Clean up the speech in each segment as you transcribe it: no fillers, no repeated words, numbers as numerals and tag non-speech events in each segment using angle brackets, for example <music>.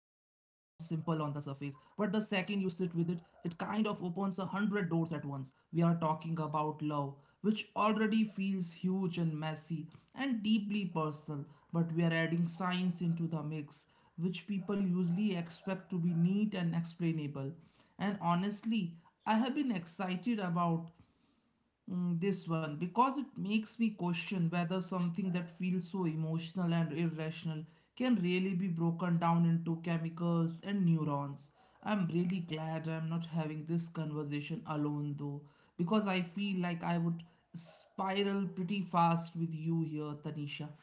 but the second you sit with it, it kind of opens a hundred doors at once. We are talking about love, which already feels huge and messy and deeply personal, but we are adding science into the mix, which people usually expect to be neat and explainable. And honestly, I have been excited about this one because it makes me question whether something that feels so emotional and irrational can really be broken down into chemicals and neurons. I'm really glad I'm not having this conversation alone though, because I feel like I would spiral pretty fast with you here, Tanisha.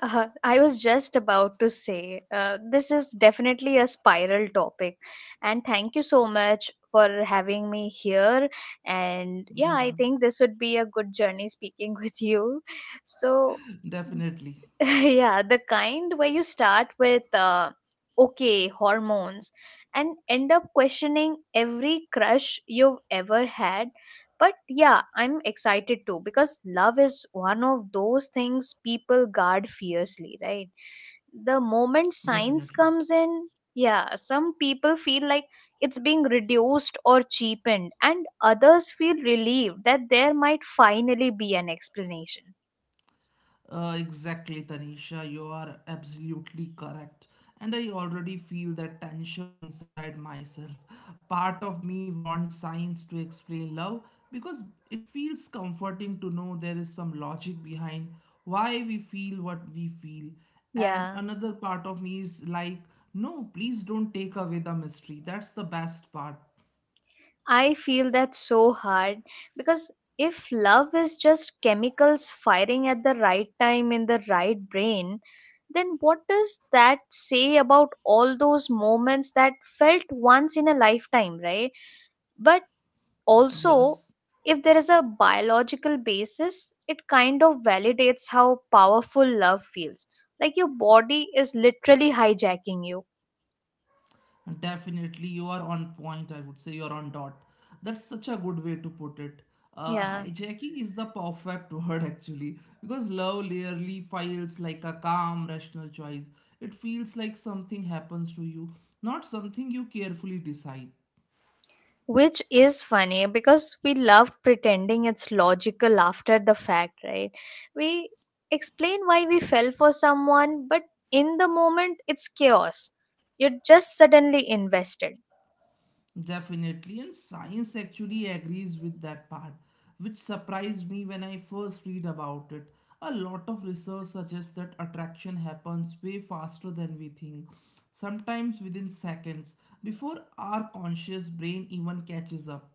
I was just about to say, this is definitely a spiral topic. And thank you so much for having me here. And yeah, I Yeah, think this would be a good journey speaking <laughs> with you. So, <laughs> definitely. <laughs> yeah, the kind where you start with okay hormones and end up questioning every crush you've ever had. But yeah, I'm excited too because love is one of those things people guard fiercely, right? The moment Definitely. science comes in, yeah, some people feel like it's being reduced or cheapened, and others feel relieved that there might finally be an explanation. Exactly, Tanisha, you are absolutely correct. And I already feel that tension inside myself. Part of me wants science to explain love because it feels comforting to know there is some logic behind why we feel what we feel. And Yeah. another part of me is like, no, please don't take away the mystery. That's the best part. I feel that's so hard because if love is just chemicals firing at the right time in the right brain, then what does that say about all those moments that felt once in a lifetime, right? But also, Yes. if there is a biological basis, it kind of validates how powerful love feels. Like your body is literally hijacking you. Definitely, you are on point. I would say you are on dot. That's such a good way to put it. Yeah. Hijacking is the perfect <laughs> word actually, because love rarely feels like a calm, rational choice. It feels like something happens to you, not something you carefully decide. Which is funny because we love pretending it's logical after the fact, right? We explain why we fell for someone, but in the moment, it's chaos. You're just suddenly invested. Definitely, and science actually agrees with that part, which surprised me when I first read about it. A lot of research suggests that attraction happens way faster than we think, sometimes within seconds, before our conscious brain even catches up.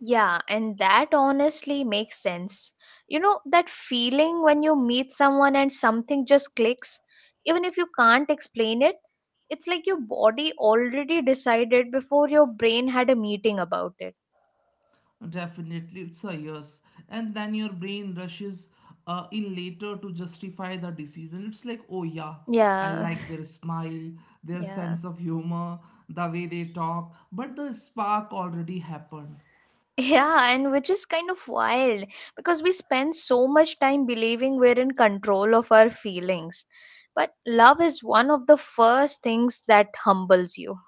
Yeah, and that honestly makes sense. You know, that feeling when you meet someone and something just clicks, even if you can't explain it, it's like your body already decided before your brain had a meeting about it. Definitely, it's a yes. And then your brain rushes in later to justify the decision. It's like, oh yeah, I Yeah, like their smile, <laughs> their yeah. sense of humor, the way they talk, but the spark already happened. Yeah, and which is kind of wild because we spend so much time believing we're in control of our feelings. But love is one of the first things that humbles you.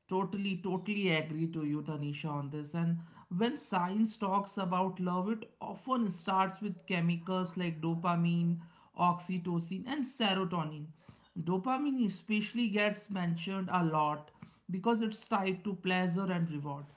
Totally, totally agree to you, Tanisha, on this. And when science talks about love, it often starts with chemicals like dopamine, oxytocin, and serotonin. Dopamine especially gets mentioned a lot because it's tied to pleasure and reward.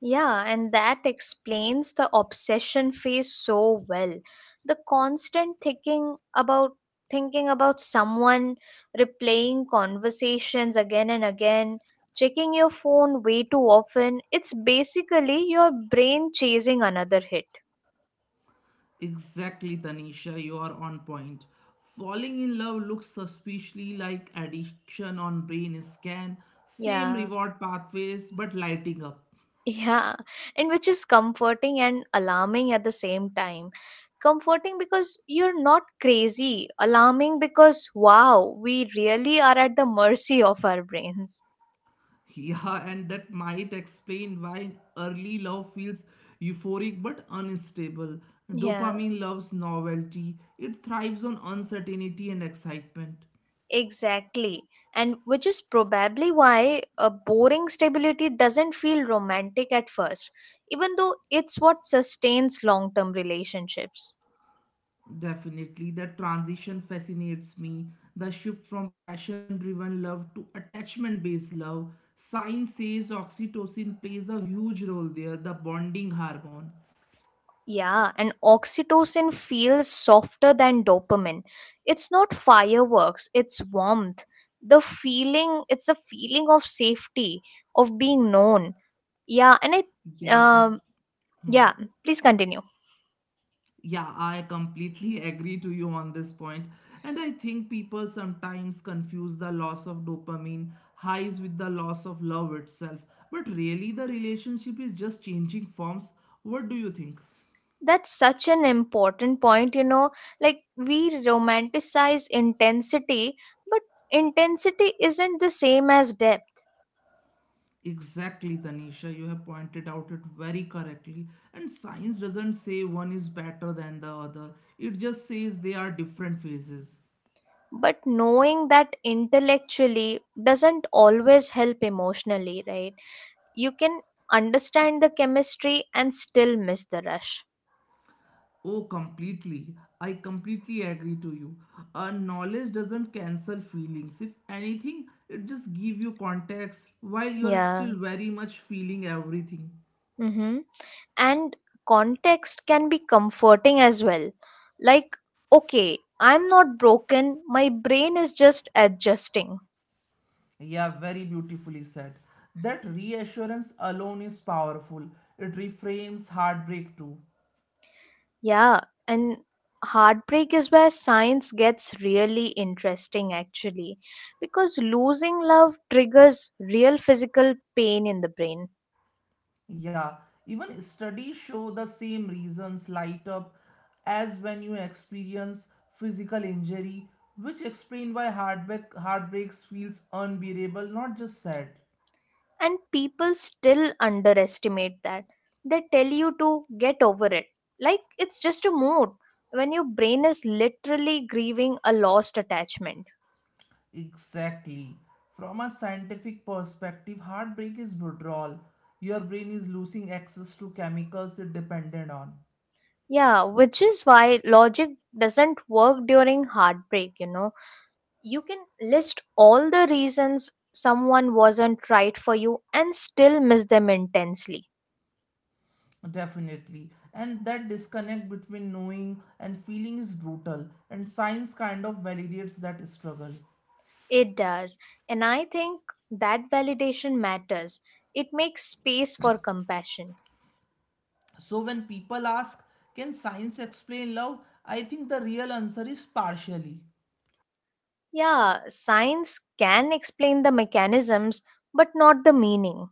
Yeah, and that explains the obsession phase so well. The constant thinking about someone, replaying conversations again and again, checking your phone way too often. It's basically your brain chasing another hit. Exactly, Tanisha, you are on point. Falling in love looks suspiciously like addiction on brain scan, same Yeah. reward pathways but lighting up. Yeah, and which is comforting and alarming at the same time. Comforting because you're not crazy, alarming because wow, we really are at the mercy of our brains. Yeah, and that might explain why early love feels euphoric but unstable. Yeah, Dopamine loves novelty, it thrives on uncertainty and excitement. exactly. And which is probably why a boring stability doesn't feel romantic at first, even though it's what sustains long term relationships. Definitely, that transition fascinates me. The shift from passion driven love to attachment based love. Science says oxytocin plays a huge role there, the bonding hormone. Yeah, and oxytocin feels softer than dopamine. It's not fireworks, it's warmth. It's the feeling of safety, of being known. Yeah, and I, Yeah, come. um, yeah, please continue. Yeah, I completely <laughs> agree to you on this point. And I think people sometimes confuse the loss of dopamine highs with the loss of love itself. But really, the relationship is just changing forms. What do you think? That's such an important point, you know. Like, we romanticize intensity, but intensity isn't the same as depth. Exactly, Tanisha. You have pointed out it very correctly. And science doesn't say one is better than the other, it just says they are different phases. But knowing that intellectually doesn't always help emotionally, right? You can understand the chemistry and still miss the rush. Oh, completely. I completely agree to you. Knowledge doesn't cancel feelings. If anything, it just give you context while you're Yeah. still very much feeling everything. Mm-hmm. And context can be comforting as well. Like, okay, I'm not broken, my brain is just adjusting. Yeah, very beautifully said. That reassurance alone is powerful. It reframes heartbreak too. Yeah. And heartbreak is where science gets really interesting, actually, because losing love triggers real physical pain in the brain, Yeah, even studies show the same reasons light up as when you experience physical injury, which explain why heartbreaks feels unbearable, not just sad. and people still underestimate that. They tell you to get over it like it's just a mood when your brain is literally grieving a lost attachment. Exactly. From a scientific perspective, heartbreak is withdrawal. Your brain is losing access to chemicals it depended on. Yeah, which is why logic doesn't work during heartbreak, you know. You can list all the reasons someone wasn't right for you and still miss them intensely. Definitely. And that disconnect between knowing and feeling is brutal, and science kind of validates that struggle. It does, and I think that validation matters. It makes space for compassion. So when people ask, can science explain love? I think the real answer is partially. Yeah, science can explain the mechanisms, but not the meaning,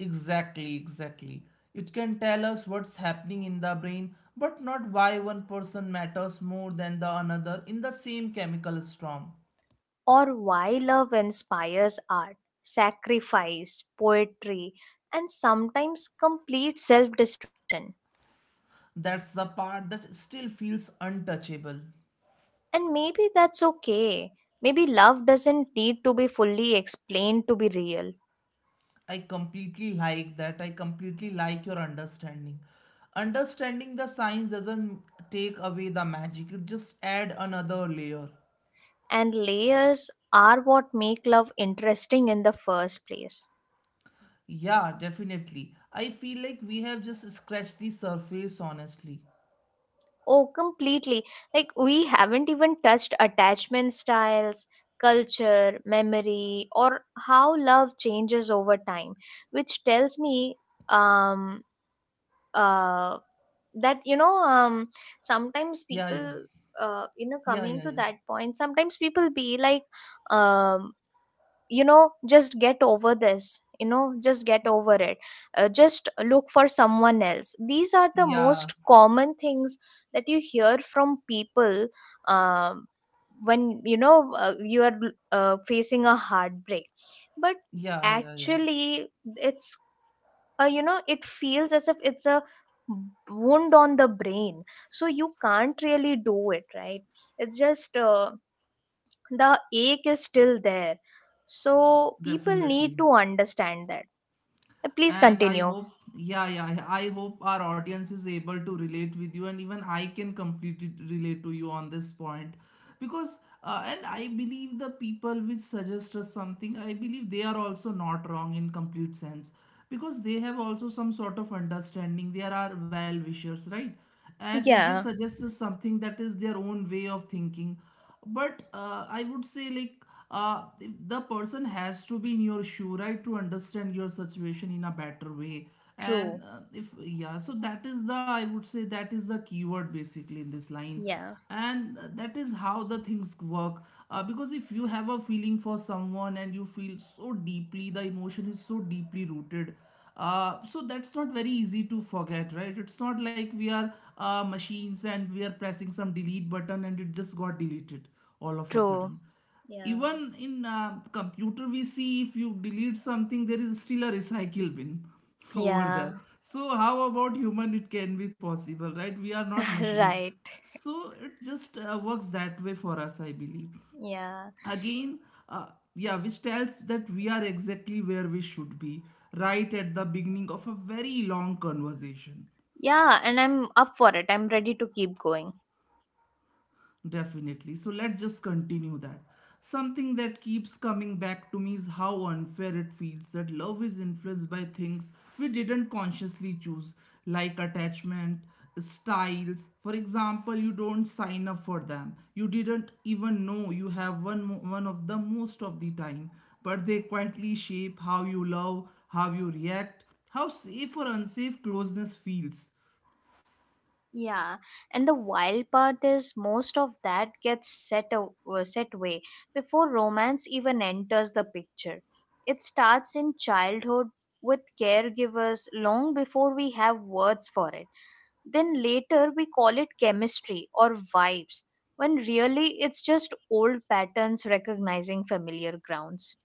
Exactly, exactly. It can tell us what's happening in the brain, but not why one person matters more than the another in the same chemical storm. or why love inspires art, sacrifice, poetry, and sometimes complete self destruction. That's the part that still feels untouchable. And maybe that's okay. Maybe love doesn't need to be fully explained to be real, I completely like that. I completely like your understanding. Understanding the science doesn't take away the magic, it just add another layer. and layers are what make love interesting in the first place. Yeah, definitely. I feel like we have just scratched the surface, honestly. Oh, completely. Like, we haven't even touched attachment styles, culture, memory, or how love changes over time, which tells me um, uh, that, sometimes Yeah, yeah. You know, Yeah, coming yeah, to yeah. that point, sometimes people be like, um, you know, just get over this, you know, just get over it. Uh, just look for someone else. These are the Yeah, most common things that you hear from people um, when you know you are facing a heartbreak. But yeah, yeah, yeah. actually, it's you know, it feels as if it's a wound on the brain, so you can't really do it, right? It's just the ache is still there, so people need Definitely. to understand that. Please And I continue. hope, yeah, yeah, yeah, I hope our audience is able to relate with you, and even I can completely relate to you on this point. Because, and I believe the people which suggest us something, I believe they are also not wrong in complete sense. Because they have also some sort of understanding. They are our well wishers, right? And if they Yeah. suggest us something, that is their own way of thinking. But I would say, like, if the person has to be in your shoe, right, to understand your situation in a better way. True. And if yeah, so that is the I would say that is the keyword basically in this line. Yeah. And that is how the things work. Because if you have a feeling for someone and you feel so deeply, the emotion is so deeply rooted. So that's not very easy to forget, right? It's not like we are machines and we are pressing some delete button and it just got deleted all of a True. sudden. Yeah. Even in computer, we see, if you delete something, there is still a recycle bin <laughs> over Yeah. there. So how about human? It can be possible, right? We are not machines. <laughs> Right. So it just works that way for us, I believe. Yeah, Again, uh, yeah, which tells that we are exactly where we should be, right at the beginning of a very long conversation. yeah, and I'm up for it. I'm ready to keep going. Definitely. So let's just continue that. Something that keeps coming back to me is how unfair it feels that love is influenced by things we didn't consciously choose, like attachment styles. For example, you don't sign up for them. You didn't even know you have one of the most of the time, but they quietly shape how you love, how you react, how safe or unsafe closeness feels. Yeah, and the wild part is most of that gets set away before romance even enters the picture. It starts in childhood with caregivers long before we have words for it. Then later we call it chemistry or vibes, when really it's just old patterns recognizing familiar grounds.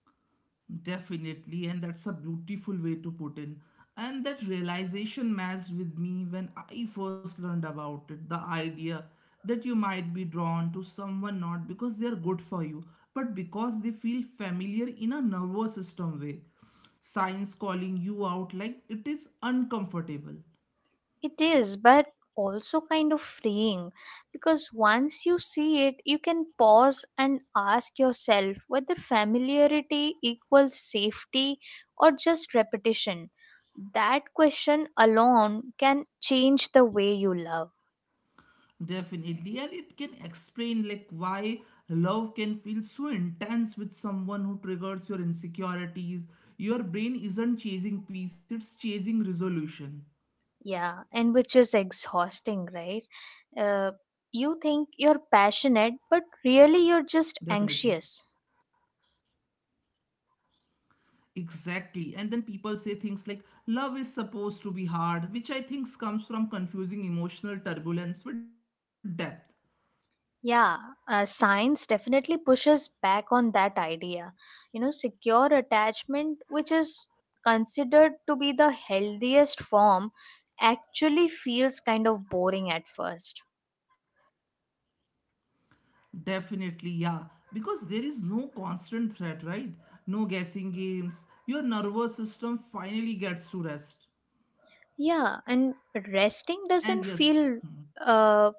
Definitely, and that's a beautiful way to put in. And that realization matched with me when I first learned about it, the idea that you might be drawn to someone not because they are good for you, but because they feel familiar in a nervous system way. Science calling you out like it is uncomfortable. It is, but also kind of freeing because once you see it, you can pause and ask yourself whether familiarity equals safety or just repetition. That question alone can change the way you love. Definitely, and it can explain, like, why love can feel so intense with someone who triggers your insecurities. Your brain isn't chasing peace, it's chasing resolution. Yeah, and which is exhausting, right? Uh, you think you're Definitely. passionate, but really you're just anxious. Exactly. And then people say things like love is supposed to be hard, which I think comes from confusing emotional turbulence with depth. Yeah, science definitely pushes back on that idea. You know, secure attachment, which is considered to be the healthiest form, actually feels kind of boring at first. Definitely, yeah. Because there is no constant threat, right? No guessing games. Your nervous system finally gets to rest. Yeah, and resting doesn't And yes, feel. Uh,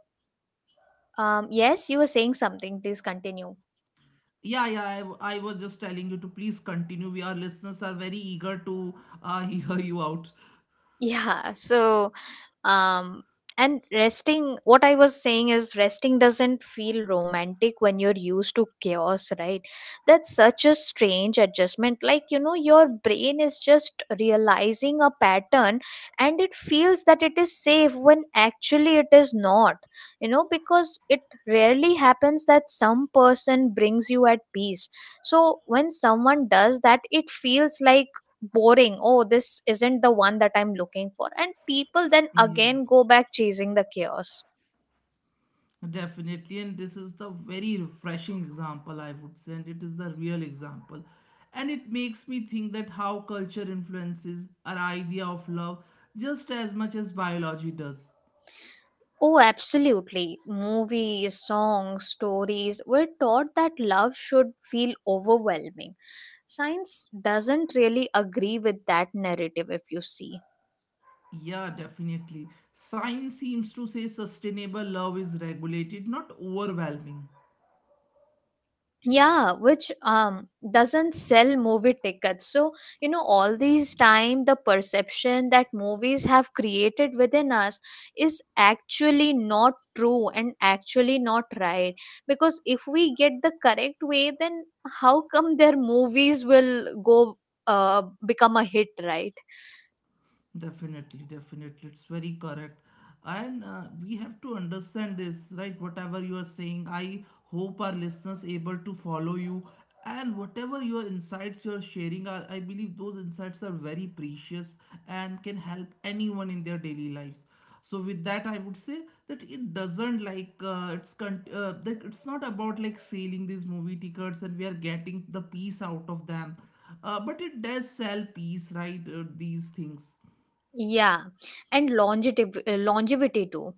yes, you were saying something. Please continue. <laughs> yeah, yeah, I was just telling you to please continue. We, our listeners are very eager to <laughs> hear you out. Yeah, so um and resting, what I was saying is resting doesn't feel romantic when you're used to chaos, right? That's such a strange adjustment. Like, you know, your brain is just realizing a pattern and it feels that it is safe when actually it is not, you know, because it rarely happens that some person brings you at peace. So when someone does that, it feels like boring. Oh, this isn't the one that I'm looking for, and people then Yeah, again go back chasing the chaos. definitely. And this is the very refreshing example, I would say, and it is the real example. And it makes me think that how culture influences our idea of love just as much as biology does. Oh, absolutely. Movies, songs, stories, we're taught that love should feel overwhelming. Science doesn't really agree with that narrative, if you see. Yeah, definitely. Science seems to say sustainable love is regulated, not overwhelming. Yeah, which doesn't sell movie tickets. So you know, all these time the perception that movies have created within us is actually not true and actually not right, because if we get the correct way, then how come their movies will go become a hit, right? Definitely, definitely. It's very correct. And we have to understand this, right? Whatever you are saying, I hope our listeners able to follow you. And whatever your insights you're sharing are, I believe those insights are very precious and can help anyone in their daily lives. So with that, I would say that it doesn't like like it's not about like selling these movie tickets and we are getting the peace out of them, but it does sell peace, right? These things. Yeah, and longevity, longevity too.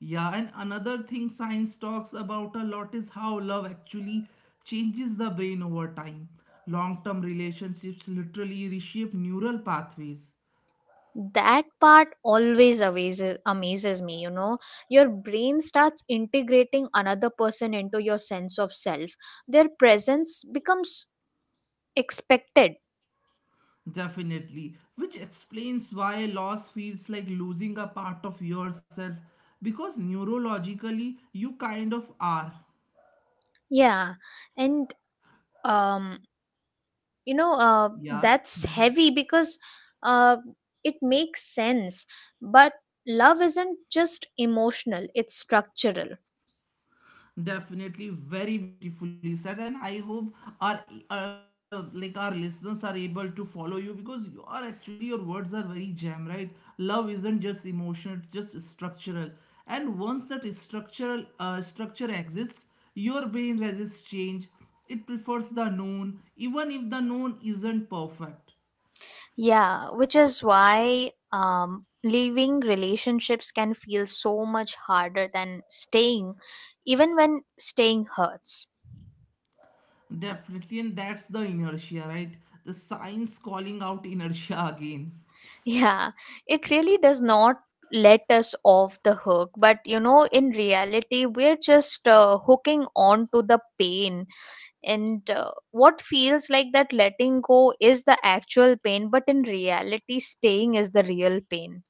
Yeah, and another thing science talks about a lot is how love actually changes the brain over time. Long term relationships literally reshape neural pathways, That part always amazes me, you know. Your brain starts integrating another person into your sense of self. Their presence becomes expected. definitely, which explains why loss feels like losing a part of yourself, because neurologically you kind of are. Yeah, and um you know uh, Yeah. that's Mm-hmm. heavy because uh it makes sense, but love isn't just emotional, it's structural. Definitely, very beautifully said, and I hope our like, our listeners are able to follow you, because you are actually, your words are very jam, right? Love isn't just emotion, it's just structural. And once that structural structure exists, your brain resists change. It prefers the known, even if the known isn't perfect. Yeah, which is why leaving relationships can feel so much harder than staying, even when staying hurts. <laughs> Definitely, and that's the inertia, right? The science calling out inertia again. Yeah, it really does not let us off the hook. But you know, in reality, we're just hooking on to the pain. And what feels like that letting go is the actual pain, but in reality, staying is the real pain.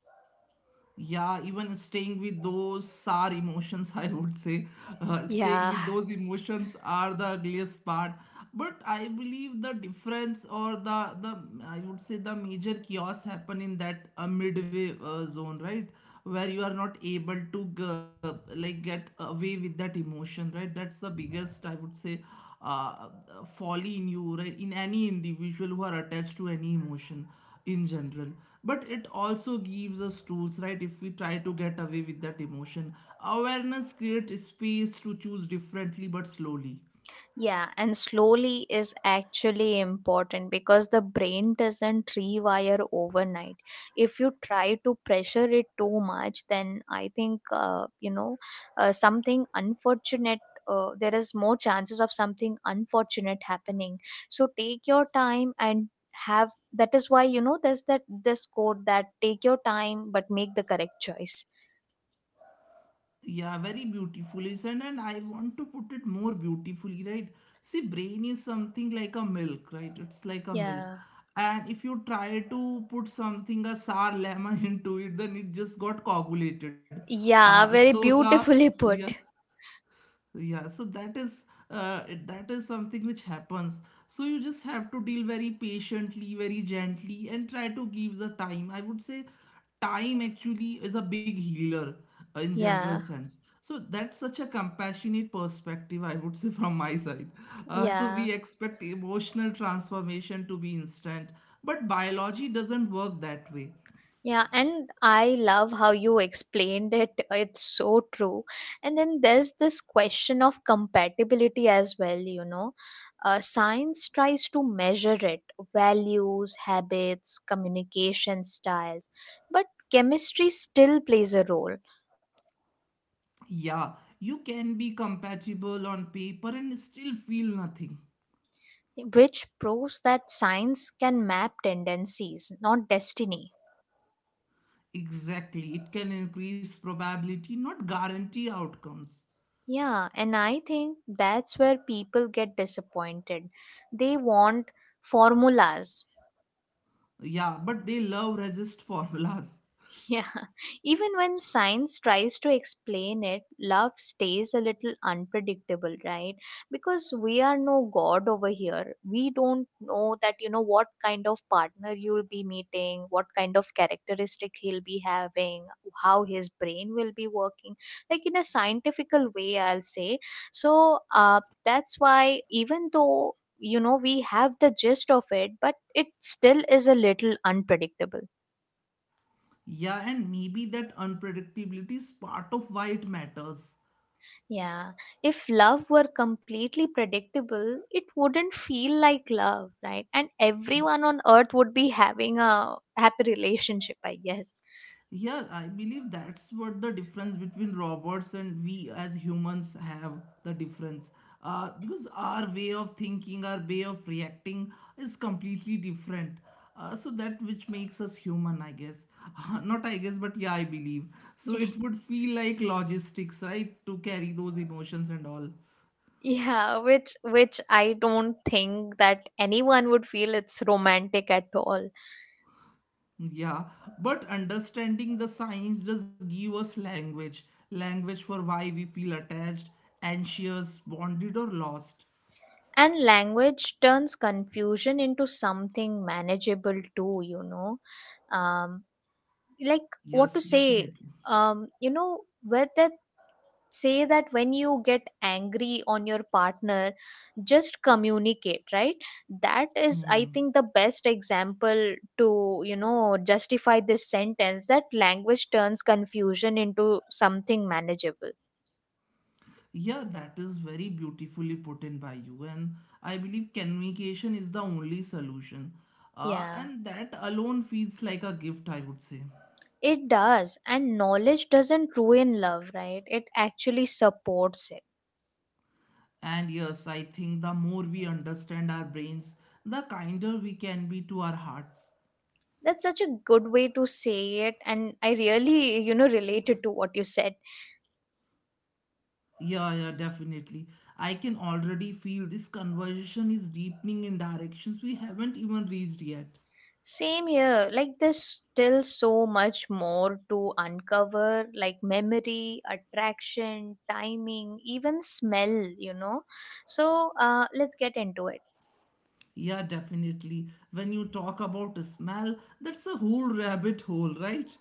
Yeah, even staying with those sour emotions <laughs> I would say, staying Yeah. with those emotions are the ugliest part. But I believe the difference, or the, I would say, the major chaos happen in that midway zone, right? Where you are not able to like get away with that emotion, right? That's the biggest, I would say, uh, folly in you, right? In any individual who are attached to any emotion in general. But it also gives us tools, right? If we try to get away with that emotion, awareness creates space to choose differently, but slowly. Yeah, and slowly is actually important because the brain doesn't rewire overnight. If you try to pressure it too much, then I think, something unfortunate. There is more chances of something unfortunate happening, so take your time. And have, that is why, you know, there's that this quote that take your time but make the correct choice. Yeah, very beautiful, isn't it? And I want to put it more beautifully, right? See, brain is something like a milk, right? It's like a milk. Yeah. And if you try to put something, a sour lemon <laughs> into it, then it just got coagulated. Yeah, So very the, beautifully yeah, put. yeah so that is That is something which happens, so you just have to deal very patiently, very gently and try to give the time, I would say. Time actually is a big healer, in general Yeah. sense. So that's such a compassionate perspective, I would say, <laughs> from my side. So we Yeah. expect emotional transformation to be instant, but biology doesn't work that way. Yeah, and I love how you explained it. It's so true. And then there's this question of compatibility as well, you know. Science tries to measure it: values, habits, communication styles, but chemistry still plays a role, Yeah, you can be compatible on paper and still feel nothing. which proves that science can map tendencies, not destiny. Exactly. It can increase probability, not guarantee outcomes. Yeah, and I think that's where people get disappointed. They want formulas. Yeah, but they love resist formulas. Yeah, <laughs> even when science tries to explain it, love stays a little unpredictable, right? Because we are no god over here. We don't know that, you know, what kind of partner you'll be meeting, what kind of characteristic he'll be having, how his brain will be working, like in a scientifical way, I'll say. So, that's why even though you know we have the gist of it, but it still is a little unpredictable. Yeah, and maybe that unpredictability is part of why it matters. Yeah, if love were completely predictable, it wouldn't feel like love, right? And everyone on earth would be having a happy relationship, I guess. <laughs> Yeah, I believe that's what the difference between robots and we as humans have the difference. Because our way of thinking, our way of reacting is completely different. So that which makes us human, I guess. <laughs> Not I guess, but yeah, I believe. So it would feel like logistics, right? To carry those emotions and all. Yeah, which I don't think that anyone would feel it's romantic at all. Yeah, but understanding the science does give us language. Language for why we feel attached, anxious, bonded, or lost. And language turns confusion into something manageable too, you know. Um, like what to Yes, say, definitely. You know, whether say that when you get angry on your partner, just communicate, right? That is, I Hmm. think, the best example to, you know, justify this sentence that language turns confusion into something manageable. Yeah, that is very beautifully put in by you. And I believe communication is the only solution. Uh, Yeah, and that alone feels like a gift, I would say. it does, and knowledge doesn't ruin love, right? It actually supports it. And yes, I think the more we understand our brains, the kinder we can be to our hearts. That's such a good way to say it, and I really, you know, related to what you said. Yeah, yeah, definitely. I can already feel this conversation is deepening in directions we haven't even reached yet. Same here. Like, there's still so much more to uncover, like memory, attraction, timing, even smell, you know. So, let's get into it. Yeah, definitely. When you talk about a smell, that's a whole rabbit hole, right? <laughs>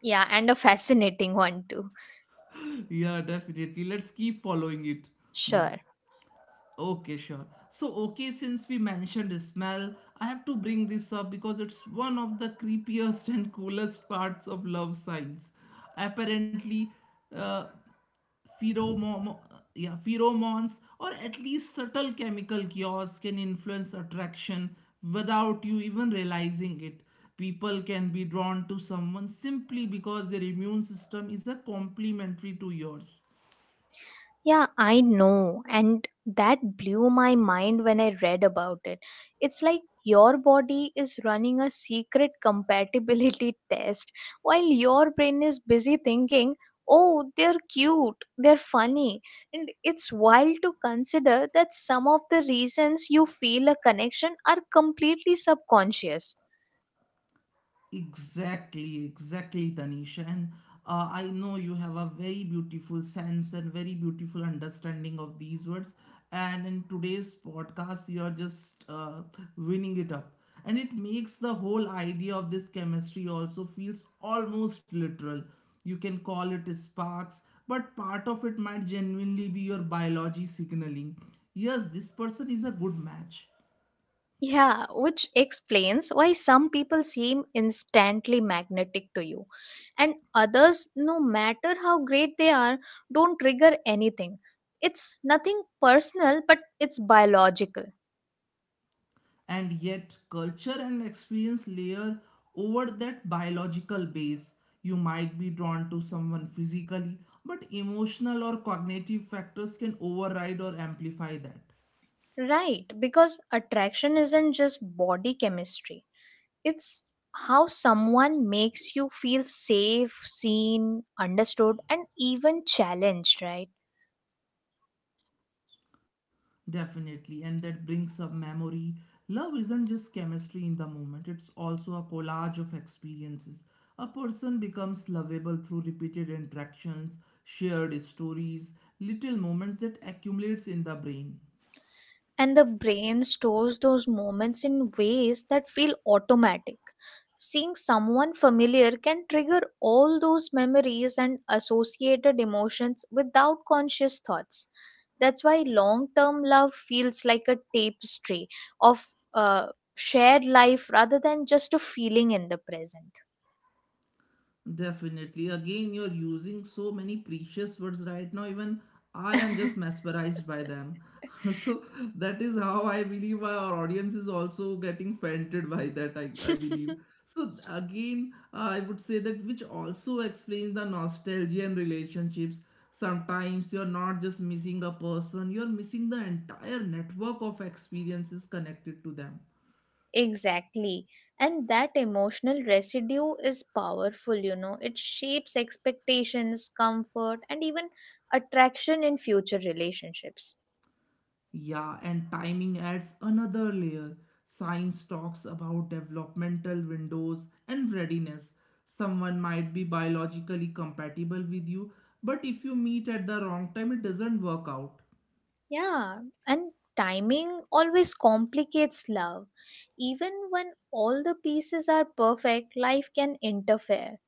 Yeah, and a fascinating <laughs> one too. Yeah, definitely. Let's keep following it then. Sure. Okay, sure. So, okay, since we mentioned smell, I have to bring this up because it's one of the creepiest <laughs> and coolest parts of love science. Apparently, uh, pheromo- yeah, pheromones or at least subtle chemical cures can influence attraction without you even realizing it. People can be drawn to someone simply because their immune system is a complementary to yours. Yeah, I know. And that blew my mind when I read about it. It's like your body is running a secret compatibility <laughs> test while your brain is busy thinking, oh, they're cute, they're funny. And it's wild to consider that some of the reasons you feel a connection are completely subconscious. Exactly, exactly, Tanisha. And I know you have a very beautiful sense and very beautiful understanding of these words. And in today's podcast, you're just winning it up. And it makes the whole idea of this chemistry also feels almost literal. You can call it sparks, but part of it might genuinely be your biology signaling. Yes, this person is a good match, Yeah, which explains why some people seem instantly magnetic to you, and others, no matter how great they are, don't trigger anything. It's nothing personal, but it's biological. and yet culture and experience layer over that biological base. You might be drawn to someone physically, but emotional or cognitive factors can override or amplify that. Right, because attraction isn't just body chemistry, it's how someone makes you feel safe, seen, understood, and even challenged, right? Definitely, and that brings up memory. Love isn't just chemistry in the moment, it's also a collage of experiences. A person becomes lovable through repeated interactions, shared stories, little moments that accumulates in the brain. And the brain stores those moments in ways that feel automatic. Seeing someone familiar can trigger all those memories and associated emotions without conscious thoughts. That's why long term love feels like a tapestry of shared life rather than just a feeling in the present. Definitely. Again, you're using so many precious words right now. Even I am just mesmerized by them. <laughs> So that is how I believe our audience is also getting fainted by that, I believe. <laughs> So again, I would say that which also explains the nostalgia and relationships. Sometimes you're not just missing a person, you're missing the entire network of experiences connected to them. Exactly. And that emotional residue is powerful, you know. It shapes expectations, comfort, and even attraction in future relationships. Yeah, and timing adds another layer. Science talks about developmental windows and readiness. Someone might be biologically compatible with you, but if you meet at the wrong time, it doesn't work out. Yeah. And timing always complicates love. Even when all the pieces are perfect, life can interfere.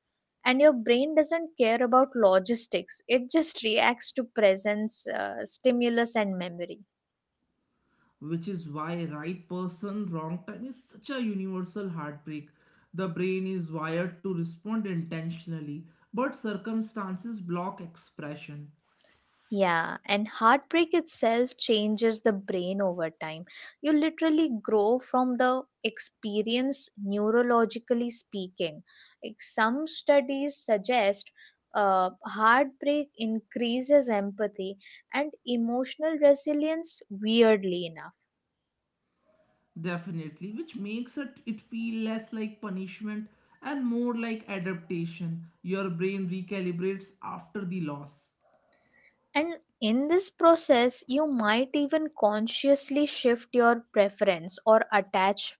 And your brain doesn't care about logistics, it just reacts to presence, stimulus, and memory. Which is why right person, wrong time is such a universal heartbreak. The brain is wired to respond intentionally, but circumstances block expression. Yeah, and heartbreak itself changes the brain over time. You literally grow from the experience, neurologically speaking. Like some studies suggest heartbreak increases empathy and emotional resilience, weirdly enough. Definitely, which makes it feel less like punishment and more like adaptation. Your brain recalibrates after the loss. And in this process, you might even consciously shift your preference or attach,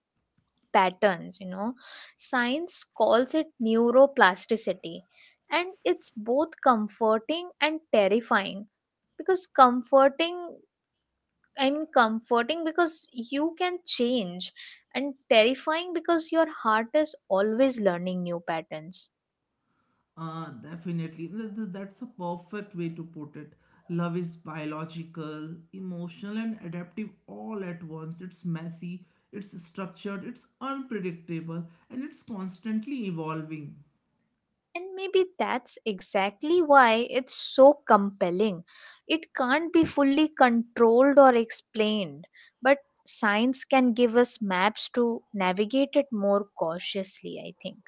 patterns, you know. Science calls it neuroplasticity, and it's both comforting and terrifying. Because comforting i mean comforting because you can change, and terrifying because your heart is always learning new patterns. Definitely. That's a perfect way to put it. Love is biological, emotional, and adaptive all at once. It's messy, it's structured, it's unpredictable, and it's constantly evolving. And maybe that's exactly why it's so compelling. It can't be fully controlled or explained, but science can give us maps to navigate it more cautiously, I think.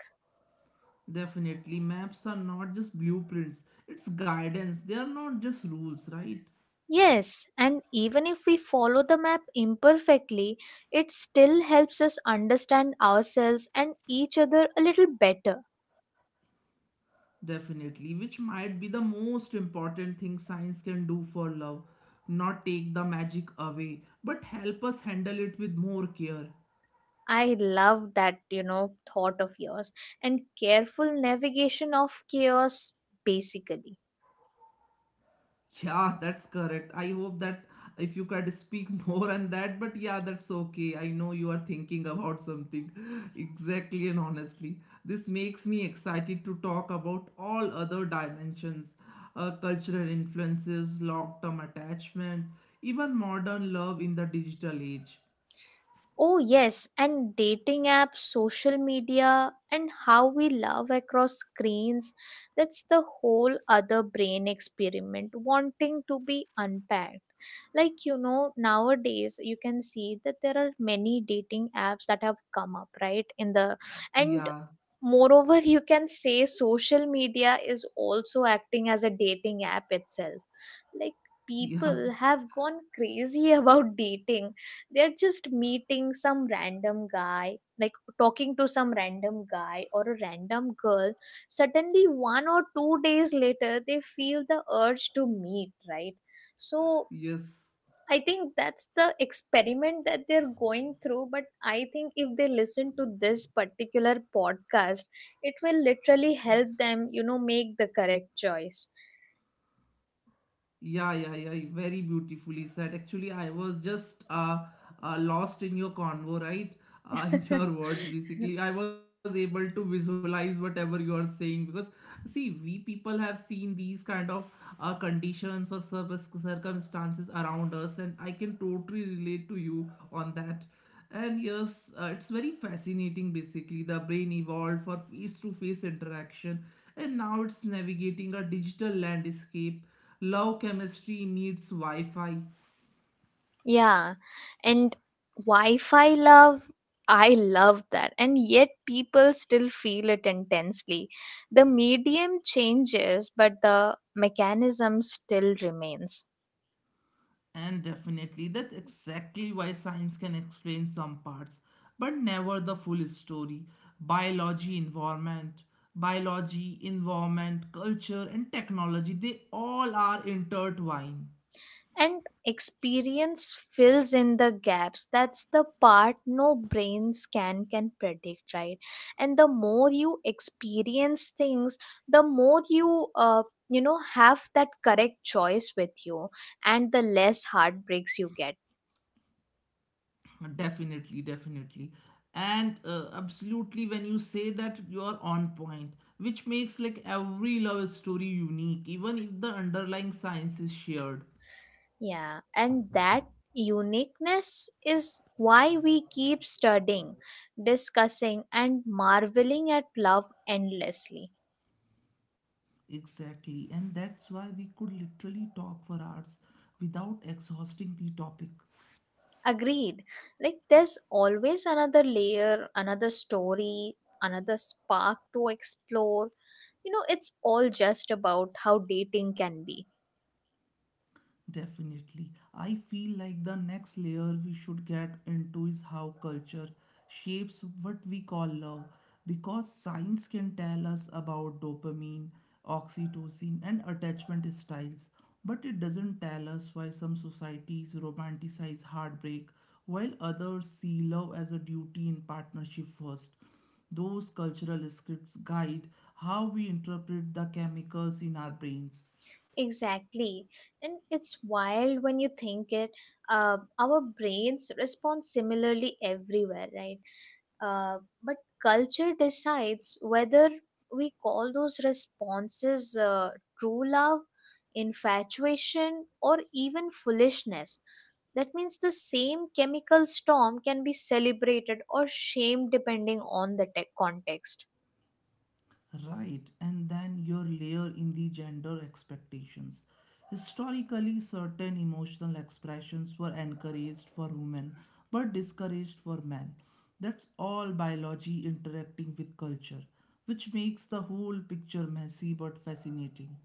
Definitely, maps are not just blueprints, it's guidance. They are not just rules, right? Yes, and even if we follow the map imperfectly, it still helps us understand ourselves and each other a little better. Definitely, which might be the most important thing science can do for love. Not take the magic away, but help us handle it with more care. I love that, you know, thought of yours, and careful navigation of chaos, basically. Yeah, that's correct. I hope that if you could speak <laughs> more on that, but yeah, that's okay. I know you are thinking about something. <laughs> Exactly, and honestly, this makes me excited to talk about all other dimensions, cultural influences, long term attachment, even modern love in the digital age. Oh, yes, and dating apps, social media, and how we love across screens, that's the whole other brain experiment wanting to be unpacked. Like, you know, nowadays you can see that there are many dating apps that have come up, right? In the, and Yeah. moreover, <laughs> you can say social media is also acting as a dating app itself. Like, Yeah, people have gone crazy <laughs> about dating, they're just meeting some random guy, like talking to some random guy or a random girl, suddenly 1 or 2 days later they feel the urge to meet, right? So <laughs> yes. I think that's the experiment that they're going through, but I think if they listen to this particular podcast, it will literally help them, you know, make the correct choice. Yeah, yeah, yeah. Very beautifully said. Actually, I was just lost in your convo, right? <laughs> In your words, <laughs> basically. I was able to visualize whatever you are saying because see, we people have seen these kind of conditions or circumstances around us, and I can totally relate to you on that. And yes, it's very fascinating. Basically, the brain evolved for face to face interaction and now it's navigating a digital landscape. Love chemistry meets wi-fi. Yeah. And Wi Fi love, I love that. And yet people still feel it intensely. The medium changes, but the mechanism still remains. And definitely, that's exactly why science can explain some parts, but never the full story. Biology, environment, biology, environment, culture, and technology, they all are intertwined. And experience fills in the gaps. That's the part no brain scan can predict, right? And the more you experience things, the more you, you know, have that correct choice with you, and the less heartbreaks you get. Definitely, definitely. And absolutely, when you say that, you are on point, which makes like every love story unique, even if the underlying science is shared. Yeah, and that uniqueness is why we keep studying, discussing, and marveling at love endlessly. Exactly, and that's why we could literally talk for hours without exhausting the topic. Agreed. Like, there's always another layer, another story, another spark to explore. You know, it's all just about how dating can be. Definitely. I feel like the next layer we should get into is how culture shapes what we call love. Because science can tell us about dopamine, oxytocin, and attachment styles, but it doesn't tell us why some societies romanticize heartbreak while others see love as a duty in partnership first. Those cultural scripts guide how we interpret the chemicals in our brains. Exactly. And it's wild when you think it. Our brains respond similarly everywhere, right? Uh, but culture decides whether we call those responses true love, infatuation, or even foolishness. That means the same chemical storm can be celebrated or shamed depending on the context. Right, and then your layer in the gender expectations. Historically, certain emotional expressions were encouraged for women but discouraged for men. That's all biology interacting with culture, which makes the whole picture messy but fascinating.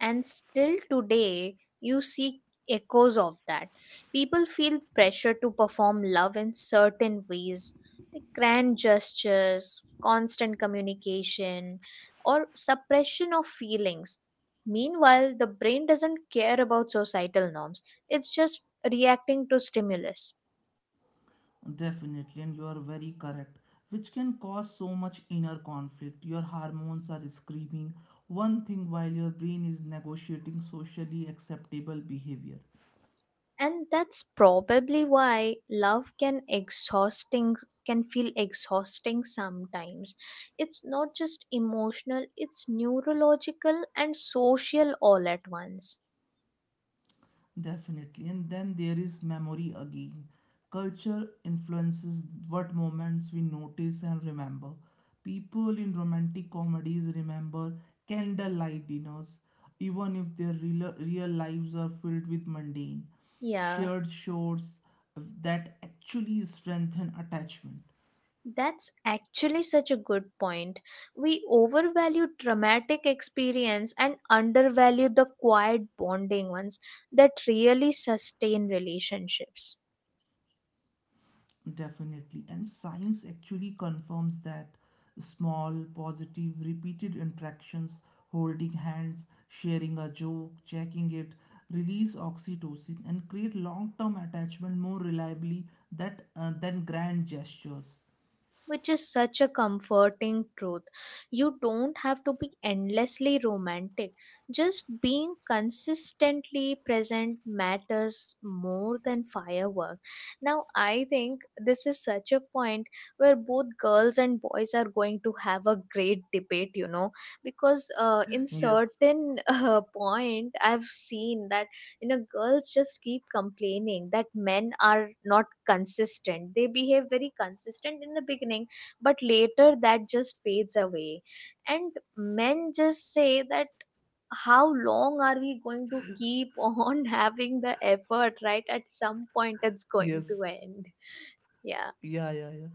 And still today, you see echoes of that. People feel pressure to perform love in certain ways, like grand gestures, constant communication, or suppression of feelings. Meanwhile, the brain doesn't care about societal norms, it's just reacting to stimulus. Definitely, and you are very correct, which can cause so much inner conflict. Your hormones are screaming one thing while your brain is negotiating socially acceptable behavior. And that's probably why love can exhausting, can feel exhausting sometimes. It's not just emotional, it's neurological and social all at once. Definitely. And then there is memory again. Culture influences what moments we notice and remember. People in romantic comedies remember candlelight dinners, even if their real lives are filled with mundane, Yeah, shared shores that actually strengthen attachment. that's actually such a good point. We overvalue dramatic experience and undervalue the quiet bonding ones that really sustain relationships. Definitely. And science actually confirms that small, positive, repeated interactions, holding hands, sharing a joke, checking it, release oxytocin and create long term attachment more reliably that, than grand gestures. Which is such a comforting truth. You don't have to be endlessly romantic. Just being consistently present matters more than firework. Now, I think this is such a point where both girls and boys are going to have a great debate, you know, because in Yes, certain <laughs> point, I've seen that, you know, girls just keep complaining that men are not consistent, they behave very consistent in the beginning, but later that just fades away. And men just say that, how long are we going to keep <laughs> on having the effort, right? At some point it's going to yes, end. Yeah, yeah, yeah, yeah.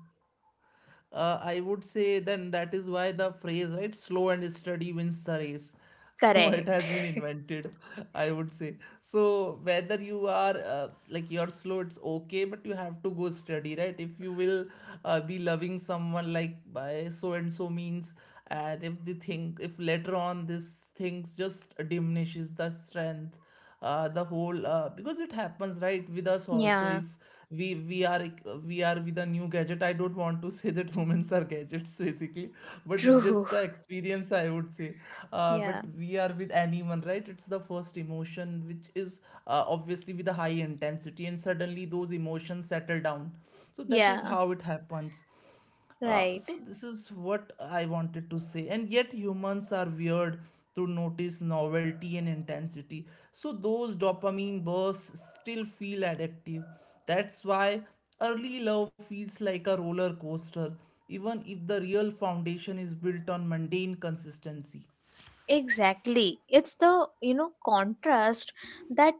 I would say then that is why the phrase, right, slow and steady wins the race. <laughs> So it correct. has been invented, I would say. So whether you are like you're slow, it's okay, but you have to go steady, right? If you will be loving someone like by so and so means, and if the thing, if later on this things just diminishes the strength, the whole because it happens right with us also, Yeah, if we we are we are with a new gadget. I don't want to <laughs> say that women are gadgets basically, but it's true. just <laughs> a experience, I would say. But Yeah, we are with anyone, right? It's the first emotion which is obviously with a high intensity, and suddenly those emotions settle down. So that is yeah, how it happens. uh, right. so this is what I wanted to say. And yet humans are weird to notice novelty and intensity. So those dopamine bursts still feel addictive. That's why early love feels like a roller coaster, even if the real foundation is built on mundane consistency. Exactly. It's the, you know, contrast that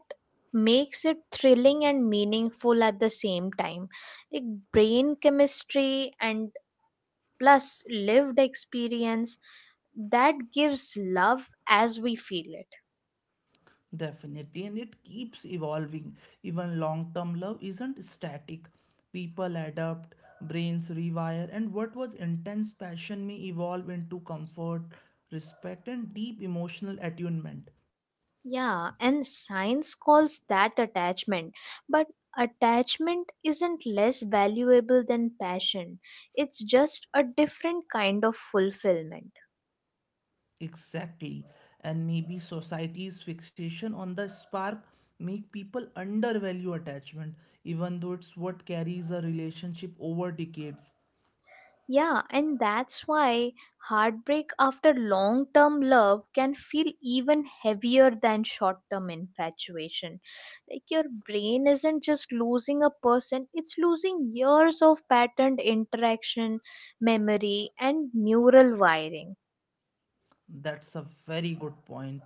makes it thrilling and meaningful at the same time. Like brain chemistry and plus lived experience, that gives love as we feel it. Definitely, and it keeps evolving. Even long term love isn't static. People adapt, brains rewire, and what was intense passion may evolve into comfort, respect, and deep emotional attunement. Yeah, and science calls that attachment. But attachment isn't less valuable than passion, it's just a different kind of fulfillment. Exactly. And maybe society's fixation on the spark make people undervalue attachment, even though it's what carries a relationship over decades. Yeah, and that's why heartbreak after long term love can feel even heavier than short term infatuation. Like your brain isn't just losing a person, it's losing years of patterned interaction, memory, and neural wiring. That's a very good point,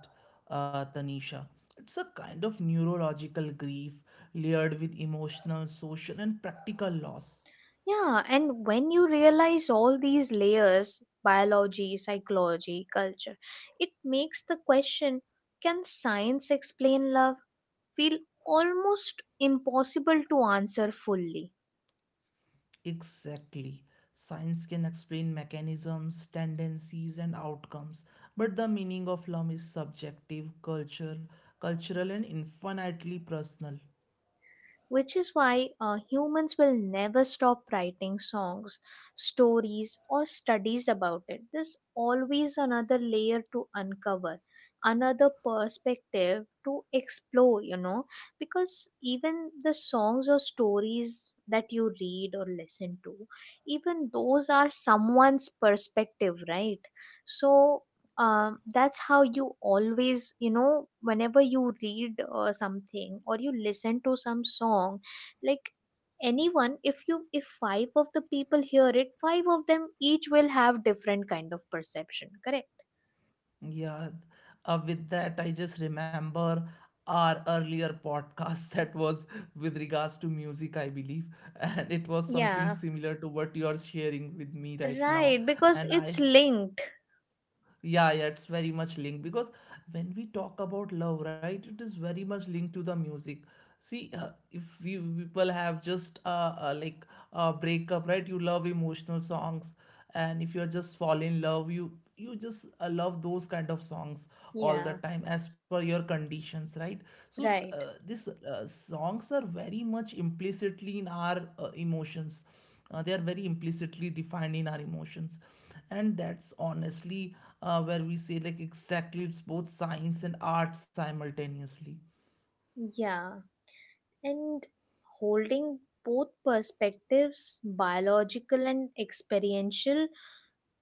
Tanisha. It's a kind of neurological grief layered with emotional, social, and practical loss. Yeah, and when you realize all these layers, biology, psychology, culture, it makes the question, can science explain love, feel almost impossible to answer fully. Exactly. Science can explain mechanisms, tendencies, and outcomes, but the meaning of love is subjective, cultural, and infinitely personal. Which is why humans will never stop writing songs, stories, or studies about it. There's always another layer to uncover, another perspective to explore, you know, because even the songs or stories that you read or listen to, even those are someone's perspective, right? So that's how you always, you know, whenever you read something or you listen to some song, like, anyone, if you, if five of the people hear it, five of them each will have different kind of perception, correct. Yeah, with that, I just remember our earlier podcast <laughs> that was with regards to music, I believe, and it was something Yeah. similar to what you are sharing with me right now. Right, because And it's I, linked. yeah, it's very much linked because when we talk about love, right, it is very much linked to the music. See, if we people have just like breakup, right, you love emotional songs. And if you're just fall in love, you just love those kind of songs all Yeah. the time as per your conditions, right? So Right. these songs are very much implicitly in our emotions. They are very implicitly defined in our emotions. And that's honestly where we say, like, exactly, it's both science and art simultaneously. Yeah, and holding both perspectives, biological and experiential,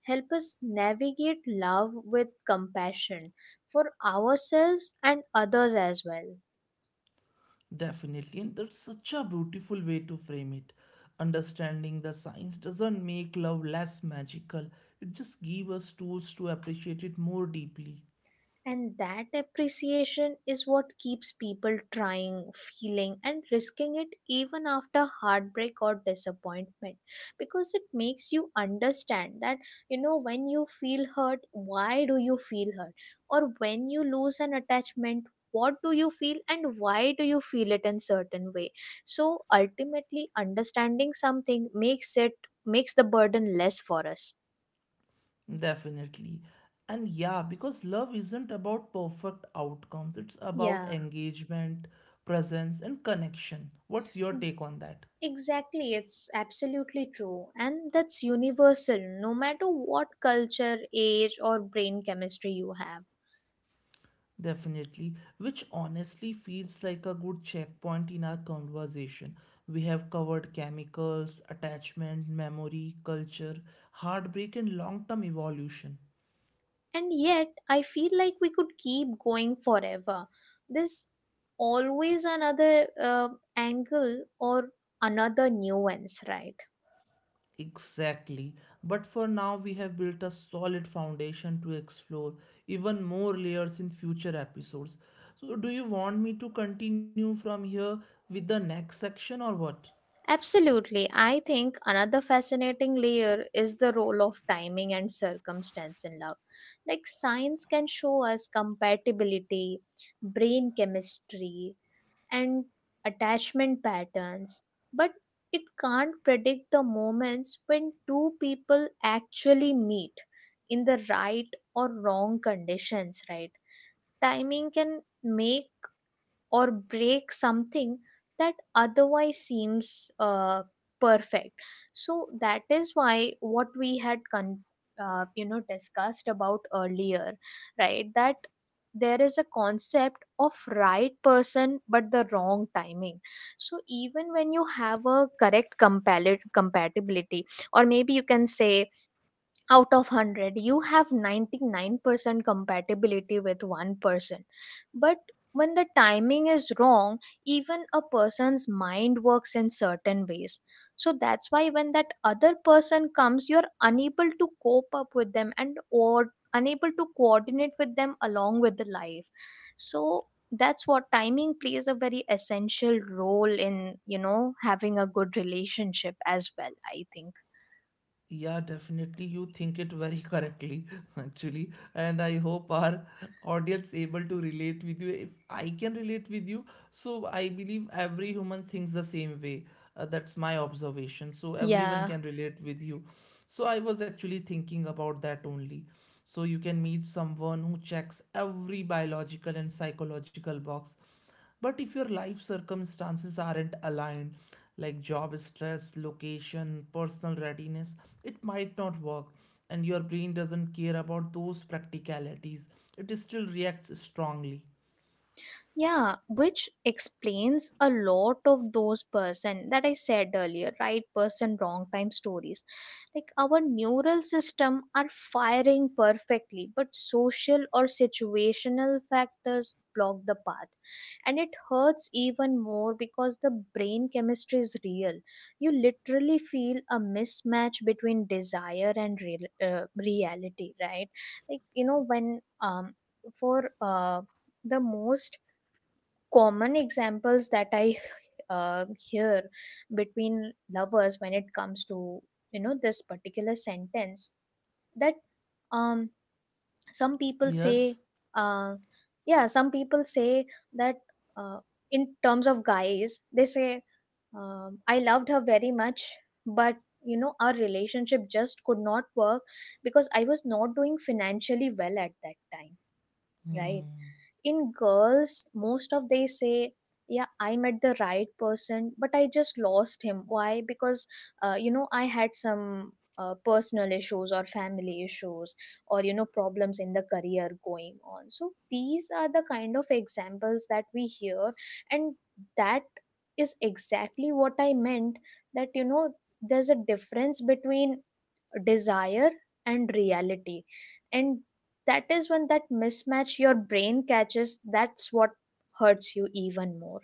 help us navigate love with compassion for ourselves and others as well. Definitely, and that's such a beautiful way to frame it. Understanding the science doesn't make love less magical. It just gives us tools to appreciate it more deeply. And that appreciation is what keeps people trying, feeling, and risking it even after heartbreak or disappointment, because it makes you understand that, you know, when you feel hurt, why do you feel hurt? Or when you lose an attachment, what do you feel and why do you feel it in certain way. So ultimately understanding something makes it, makes the burden less for us. Definitely. And yeah, because love isn't about perfect outcomes, it's about Yeah. engagement, presence, and connection. What's your take on that? Exactly, it's absolutely true. And that's universal, no matter what culture, age, or brain chemistry you have. Definitely, which honestly feels like a good checkpoint in our conversation. We have covered chemicals, attachment, memory, culture, heartbreak, and long term evolution. And yet, I feel like we could keep going forever. There's always another angle or another nuance, right? Exactly, but for now, we have built a solid foundation to explore even more layers in future episodes. So, do you want me to continue from here with the next section or what? Absolutely. I think another fascinating layer is the role of timing and circumstance in love. Like, science can show us compatibility, brain chemistry, and attachment patterns, but it can't predict the moments when two people actually meet in the right or wrong conditions, right? Timing can make or break something that otherwise seems perfect. So that is why what we had you know, discussed about earlier, right? That there is a concept of right person but the wrong timing. So even when you have a correct compatibility, or maybe you can say out of 100 you have 99% compatibility with one person, but when the timing is wrong, even a person's mind works in certain ways. So that's why when that other person comes, you're unable to cope up with them, and or unable to coordinate with them along with the life. So that's what timing plays a very essential role in, you know, having a good relationship as well, I think. Yeah, definitely. You think it very correctly, <laughs> actually. And I hope our audience able to relate with you. If I can relate with you, so I believe every human thinks the same way. That's my observation. So everyone Yeah, can relate with you. So I was actually thinking about that only. So you can meet someone who checks every biological and psychological box, but if your life circumstances aren't aligned, like job stress, location, personal readiness, it might not work, and your brain doesn't care about those practicalities. It still reacts strongly. yeah, which explains a lot of those person that I said earlier, right person wrong time stories. Like, our neural system are firing perfectly but social or situational factors block the path, and it hurts even more because the brain chemistry is real. You literally feel a mismatch between desire and real, reality, right? Like, you know, when for the most common examples that I hear between lovers when it comes to, you know, this particular sentence, that um, some people say Yes. uh, yeah some people say that, uh, in terms of guys they say, I loved her very much but, you know, our relationship just could not work because I was not doing financially well at that time, right. Hmm. In girls most of they say, yeah I met the right person but I just lost him, why? Because you know, I had some personal issues or family issues, or you know, problems in the career going on. So these are the kind of examples that we hear. And that is exactly what I meant, that you know, there's a difference between desire and reality, and that is when that mismatch your brain catches, that's what hurts you even more.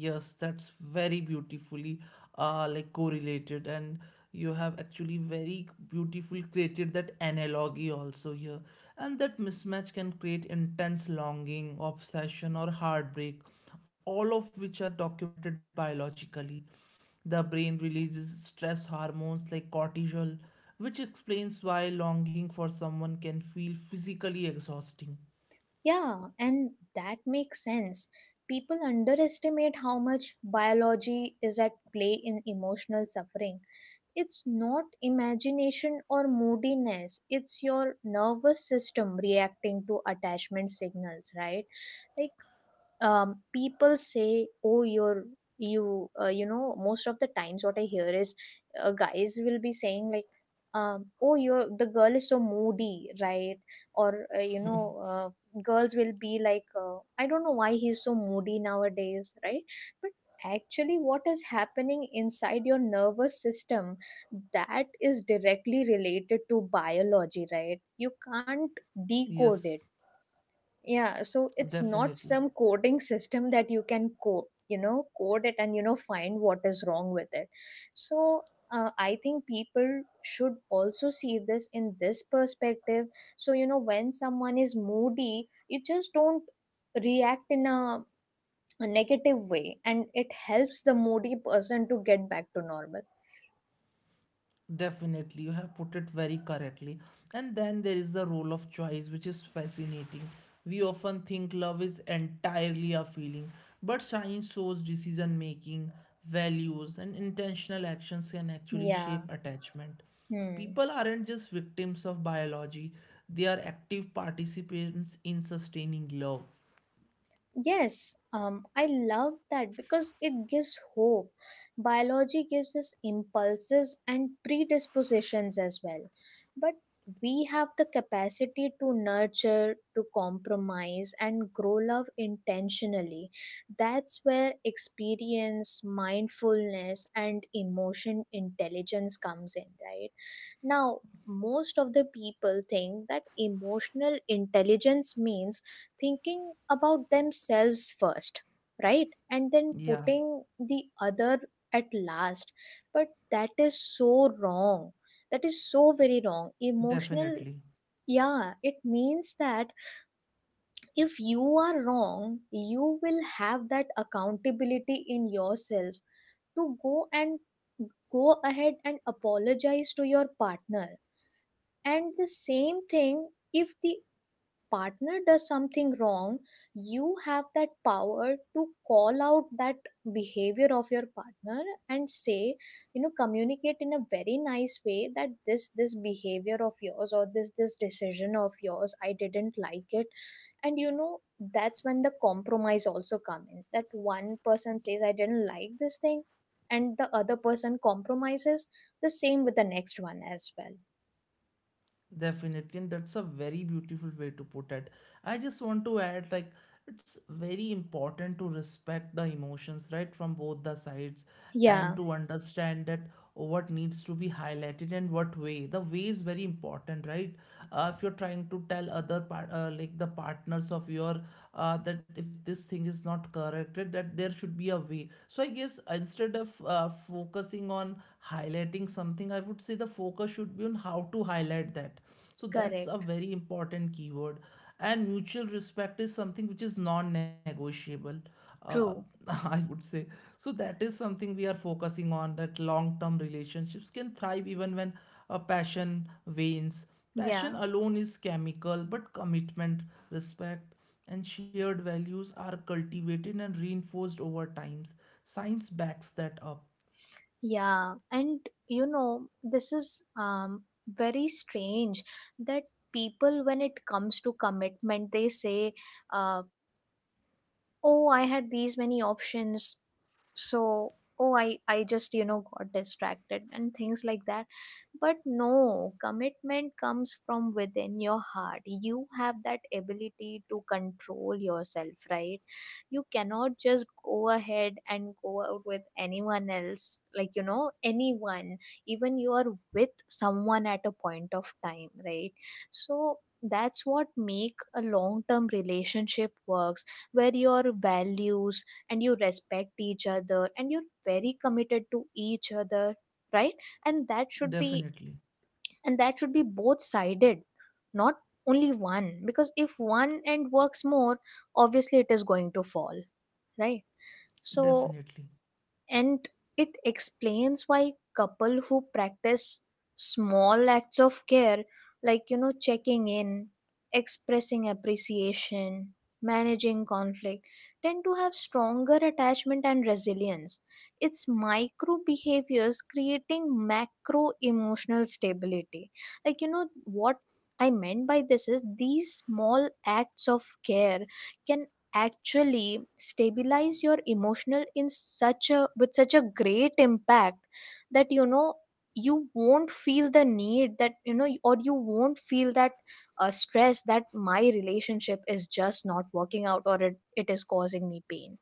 Yes, that's very beautifully like correlated, and you have actually very beautiful created that analogy also here. And that mismatch can create intense longing, obsession, or heartbreak, all of which are documented biologically. The brain releases stress hormones like cortisol, which explains why longing for someone can feel physically exhausting. Yeah, and that makes sense. People underestimate how much biology is at play in emotional suffering. It's not imagination or moodiness It's your nervous system reacting to attachment signals, right? Like, people say, "Oh, you're you." most of the times, what I hear is, guys will be saying like, "Oh, you're the girl is so moody, right?" Or uh, you know, uh, girls will be like, "I don't know why he's so moody nowadays, right?" But actually what is happening inside your nervous system, that is directly related to biology, right? You can't decode it. Yes, Yeah, so it's not some definitely. coding system that you can code, you know, code it and, you know, find what is wrong with it. So I think people should also see this in this perspective. So, you know, when someone is moody, you just don't react in a negative way, and it helps the moody person to get back to normal. Definitely, you have put it very correctly. And then there is the role of choice, which is fascinating. We often think love is entirely a feeling, but science shows decision making, values, and intentional actions can actually shape Yeah. attachment. Hmm. People aren't just victims of biology, they are active participants in sustaining love. Yes, I love that because it gives hope. Biology gives us impulses and predispositions as well. But we have the capacity to nurture, to compromise, and grow love intentionally. That's where experience, mindfulness, and emotion intelligence comes in, right? Now, most of the people think that emotional intelligence means thinking about themselves first, right? And then Yeah, putting the other at last. But that is so wrong. That is so very wrong. Emotional, definitely. yeah, it means that if you are wrong, you will have that accountability in yourself to go and go ahead and apologize to your partner. And the same thing, if the partner does something wrong, you have that power to call out that behavior of your partner and say, you know, communicate in a very nice way that this behavior of yours or this decision of yours, I didn't like it. And you know, that's when the compromise also come in. That one person says, I didn't like this thing, and the other person compromises. The same with the next one as well. Definitely, and that's a very beautiful way to put it. I just want to add, like, it's very important to respect the emotions, right, from both the sides, and Yeah, to understand that what needs to be highlighted and what way. The way is very important, right? If you're trying to tell other part, like the partners of your, that if this thing is not corrected, that there should be a way. So I guess instead of focusing on highlighting something, I would say the focus should be on how to highlight that. So that's a correct. very important keyword. And mutual respect is something which is non negotiable, uh, <laughs> True. I would say. So that is something we are focusing on, that long term relationships can thrive even when a passion wanes. Passion Yeah. alone is chemical, but commitment, respect, and shared values are cultivated and reinforced over times. Science backs that up. Yeah. And you know, this is very strange that people, when it comes to commitment, they say, uh, oh, I had these many options, so oh, I just, you know, got distracted and things like that. But no, commitment comes from within your heart. You have that ability to control yourself, right? You cannot just go ahead and go out with anyone else, like, you know, anyone, even you are with someone at a point of time, right? So that's what make a long term relationship works, where your values, and you respect each other, and you're very committed to each other, right? And that should be, Definitely. and that should be both sided, not only one, because if one end works more, obviously it is going to fall, right? So, Definitely. and it explains why couple who practice small acts of care, like, you know, checking in, expressing appreciation, managing conflict, tend to have stronger attachment and resilience. It's micro behaviors creating macro emotional stability. Like, you know what I meant by this is these small acts of care can actually stabilize your emotional in such a, with such a great impact, that, you know, you won't feel the need that, you know, or you won't feel that stress that my relationship is just not working out, or it is causing me pain.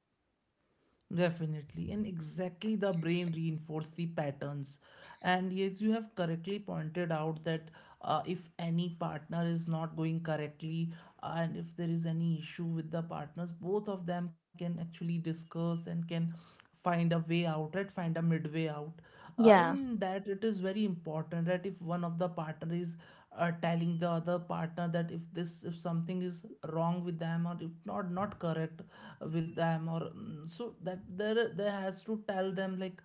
Definitely, and exactly the brain reinforce the patterns. And yes, you have correctly pointed out that if any partner is not going correctly, and if there is any issue with the partners, both of them can actually discuss and can find a way out, right, find a midway out. Yeah. In that, it is very important that if one of the partner is telling the other partner that if this if something is wrong with them, or if not correct with them, or so that there has to tell them, like,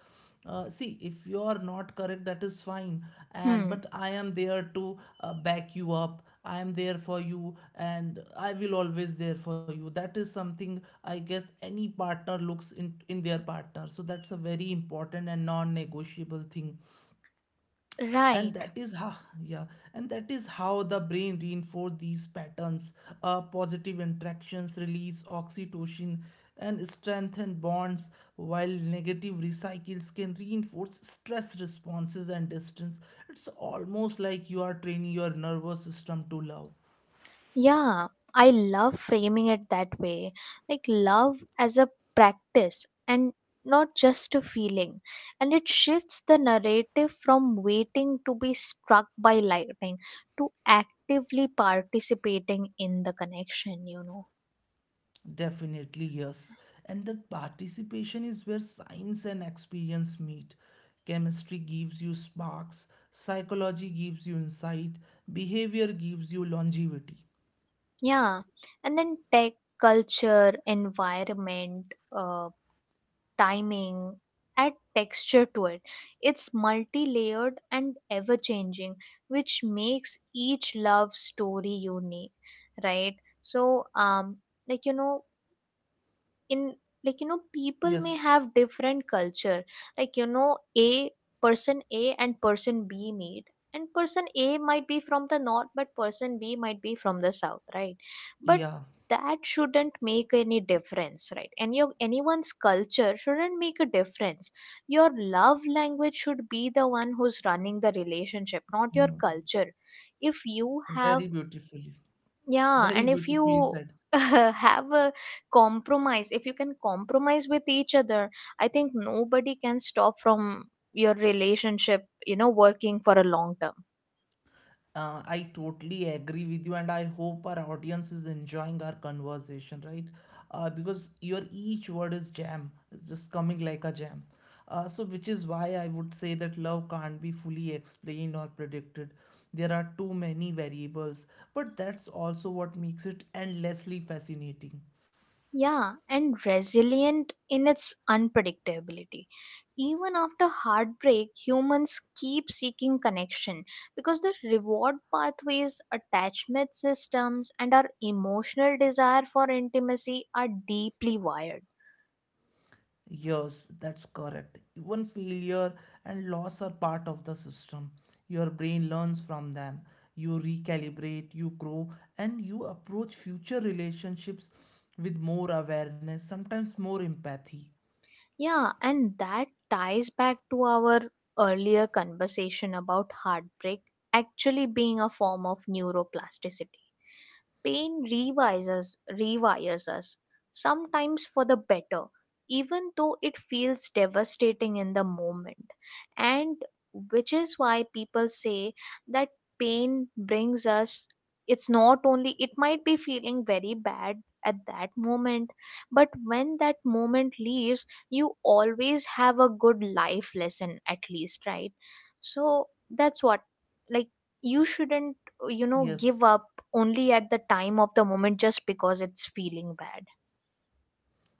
see, if you are not correct, that is fine, and but Hmm. I am there to back you up, I am there for you, and I will always there for you. That is something, I guess, any partner looks in their partner. So that's a very important and non negotiable thing. And Right. that is how, yeah, and that is how the brain reinforce these patterns. Positive interactions release oxytocin and strengthen bonds, while negative recycles can reinforce stress responses and distance. It's almost like you are training your nervous system to love. Yeah, I love framing it that way. Like love as a practice, and not just a feeling. And it shifts the narrative from waiting to be struck by lightning to actively participating in the connection. Definitely, yes. And that participation is where science and experience meet. Chemistry gives you sparks, psychology gives you insight, behavior gives you longevity. Yeah. And then tech, culture, environment, uh, timing, add texture to it. It's multi layered and ever changing, which makes each love story unique, right? So, like, you know, in, like, you know, people may Yes, have different culture, like, you know, a person A and person B meet, and person A might be from the north, but person B might be from the south, right? But yeah. that shouldn't make any difference, right? And your, anyone's culture shouldn't make a difference. Your love language should be the one who's running the relationship, not your Mm. culture. If you have, Very beautifully, yeah, very and if beautifully you said. <laughs> have a compromise, if you can compromise with each other, I think nobody can stop from your relationship, you know, working for a long term. I totally agree with you, and I hope our audience is enjoying our conversation, right? Because your each word is jam, it's just coming like a jam. So, which is why I would say that love can't be fully explained or predicted. There are too many variables, but that's also what makes it endlessly fascinating. Yeah, and resilient in its unpredictability. Even after heartbreak, humans keep seeking connection because the reward pathways, attachment systems, and our emotional desire for intimacy are deeply wired. Yes, that's correct. Even failure and loss are part of the system. Your brain learns from them. You recalibrate, you grow, and you approach future relationships with more awareness, sometimes more empathy. Yeah, and that ties back to our earlier conversation about heartbreak actually being a form of neuroplasticity. Pain rewires us, sometimes for the better, even though it feels devastating in the moment. And which is why people say that pain brings us, it's not only, it might be feeling very bad at that moment, but when that moment leaves, you always have a good life lesson, at least, right? So that's what, like, you shouldn't, you know, Yes. give up only at the time of the moment just because it's feeling bad.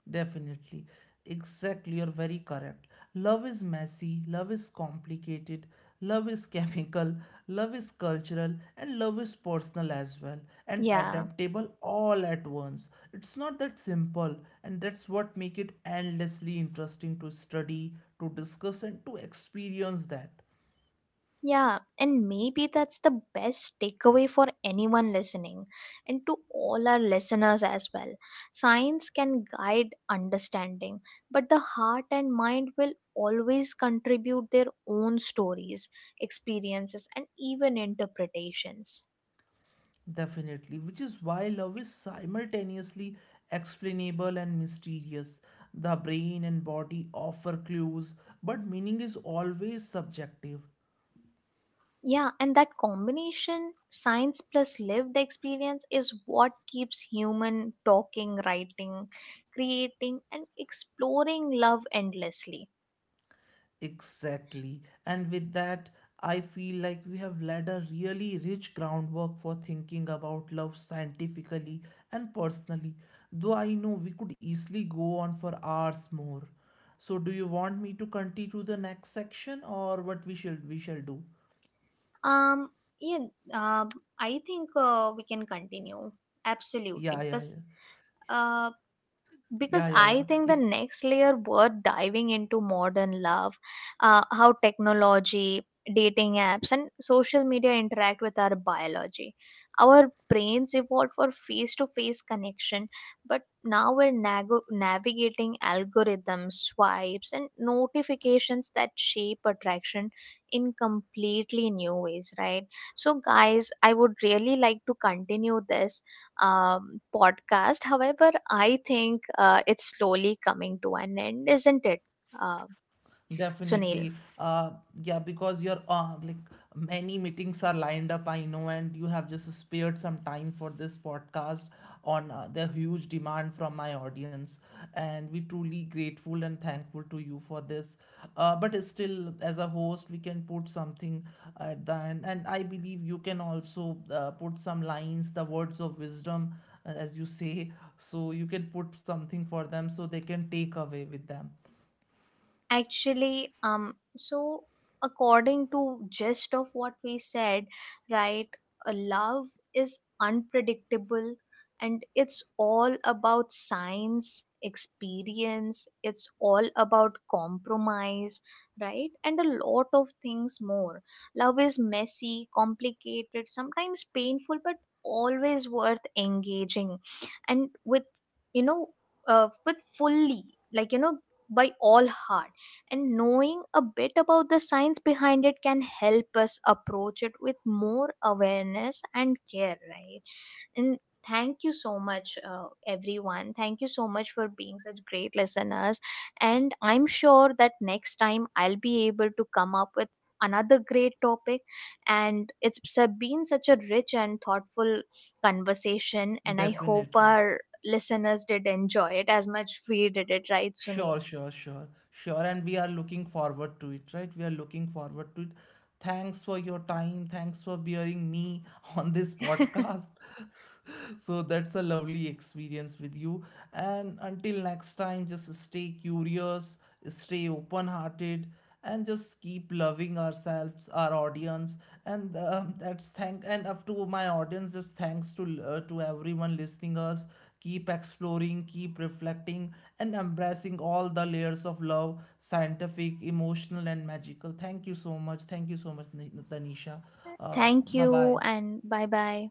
Definitely. Exactly. You're very correct. Love is messy. Love is complicated. Love is <laughs> chemical. Love is cultural. And love is personal as well. And Yeah. adaptable all at once. It's not that simple. And that's what make it endlessly interesting to study, to discuss, and to experience that. Yeah, and maybe that's the best takeaway for anyone listening, and to all our listeners as well. Science can guide understanding, but the heart and mind will always contribute their own stories, experiences, and even interpretations. Definitely, which is why love is simultaneously explainable and mysterious. The brain and body offer clues, but meaning is always subjective. Yeah, and that combination, science plus lived experience, is what keeps human talking, writing, creating, and exploring love endlessly. Exactly. And with that, I feel like we have laid a really rich groundwork for thinking about love scientifically and personally, though I know we could easily go on for hours more. So do you want me to continue to the next section, or what we shall do? Um, yeah, uh, I think we can continue absolutely, Yeah, yeah, yeah. uh, Yeah, because yeah, yeah. I think If the next layer worth diving into modern love, how technology, dating apps and social media interact with our biology. Our brains evolved for face to face connection, but now we're navigating algorithms, swipes and notifications that shape attraction in completely new ways, right? So guys, I would really like to continue this podcast. However, I think it's slowly coming to an end, isn't it, uh, Sunil? definitely, uh, yeah, because you're like many meetings are lined up, I know, and you have just spared some time for this podcast on the huge demand from my audience, and we truly grateful and thankful to you for this. But still, as a host, we can put something at the end, and I believe you can also put some lines, the words of wisdom, as you say, so you can put something for them so they can take away with them. Actually, so according to gist of what we said, right, a love is unpredictable, and it's all about science, experience, it's all about compromise, right, and a lot of things more. Love is messy, complicated, sometimes painful, but always worth engaging and with, you know, with fully, like, you know, by all heart. And knowing a bit about the science behind it can help us approach it with more awareness and care, right? And thank you so much, everyone, thank you so much for being such great listeners, and I'm sure that next time I'll be able to come up with another great topic. And it's been such a rich and thoughtful conversation, and I hope Definitely. our listeners did enjoy it as much we did it, right, Sunil? Sure, sure, sure, sure. And we are looking forward to it, right? We are looking forward to it. Thanks for your time. Thanks for bearing me <laughs> on this <laughs> podcast. <laughs> So that's a lovely experience with you. And until next time, just stay curious, stay open hearted, and just keep loving ourselves, our audience, and that's thank, and up to my audience, just thanks to everyone listening us. Keep exploring, keep reflecting, and embracing all the layers of love, scientific, emotional, and magical. Thank you so much, thank you so much Tanisha. uh, Thank Bye you bye. and bye bye.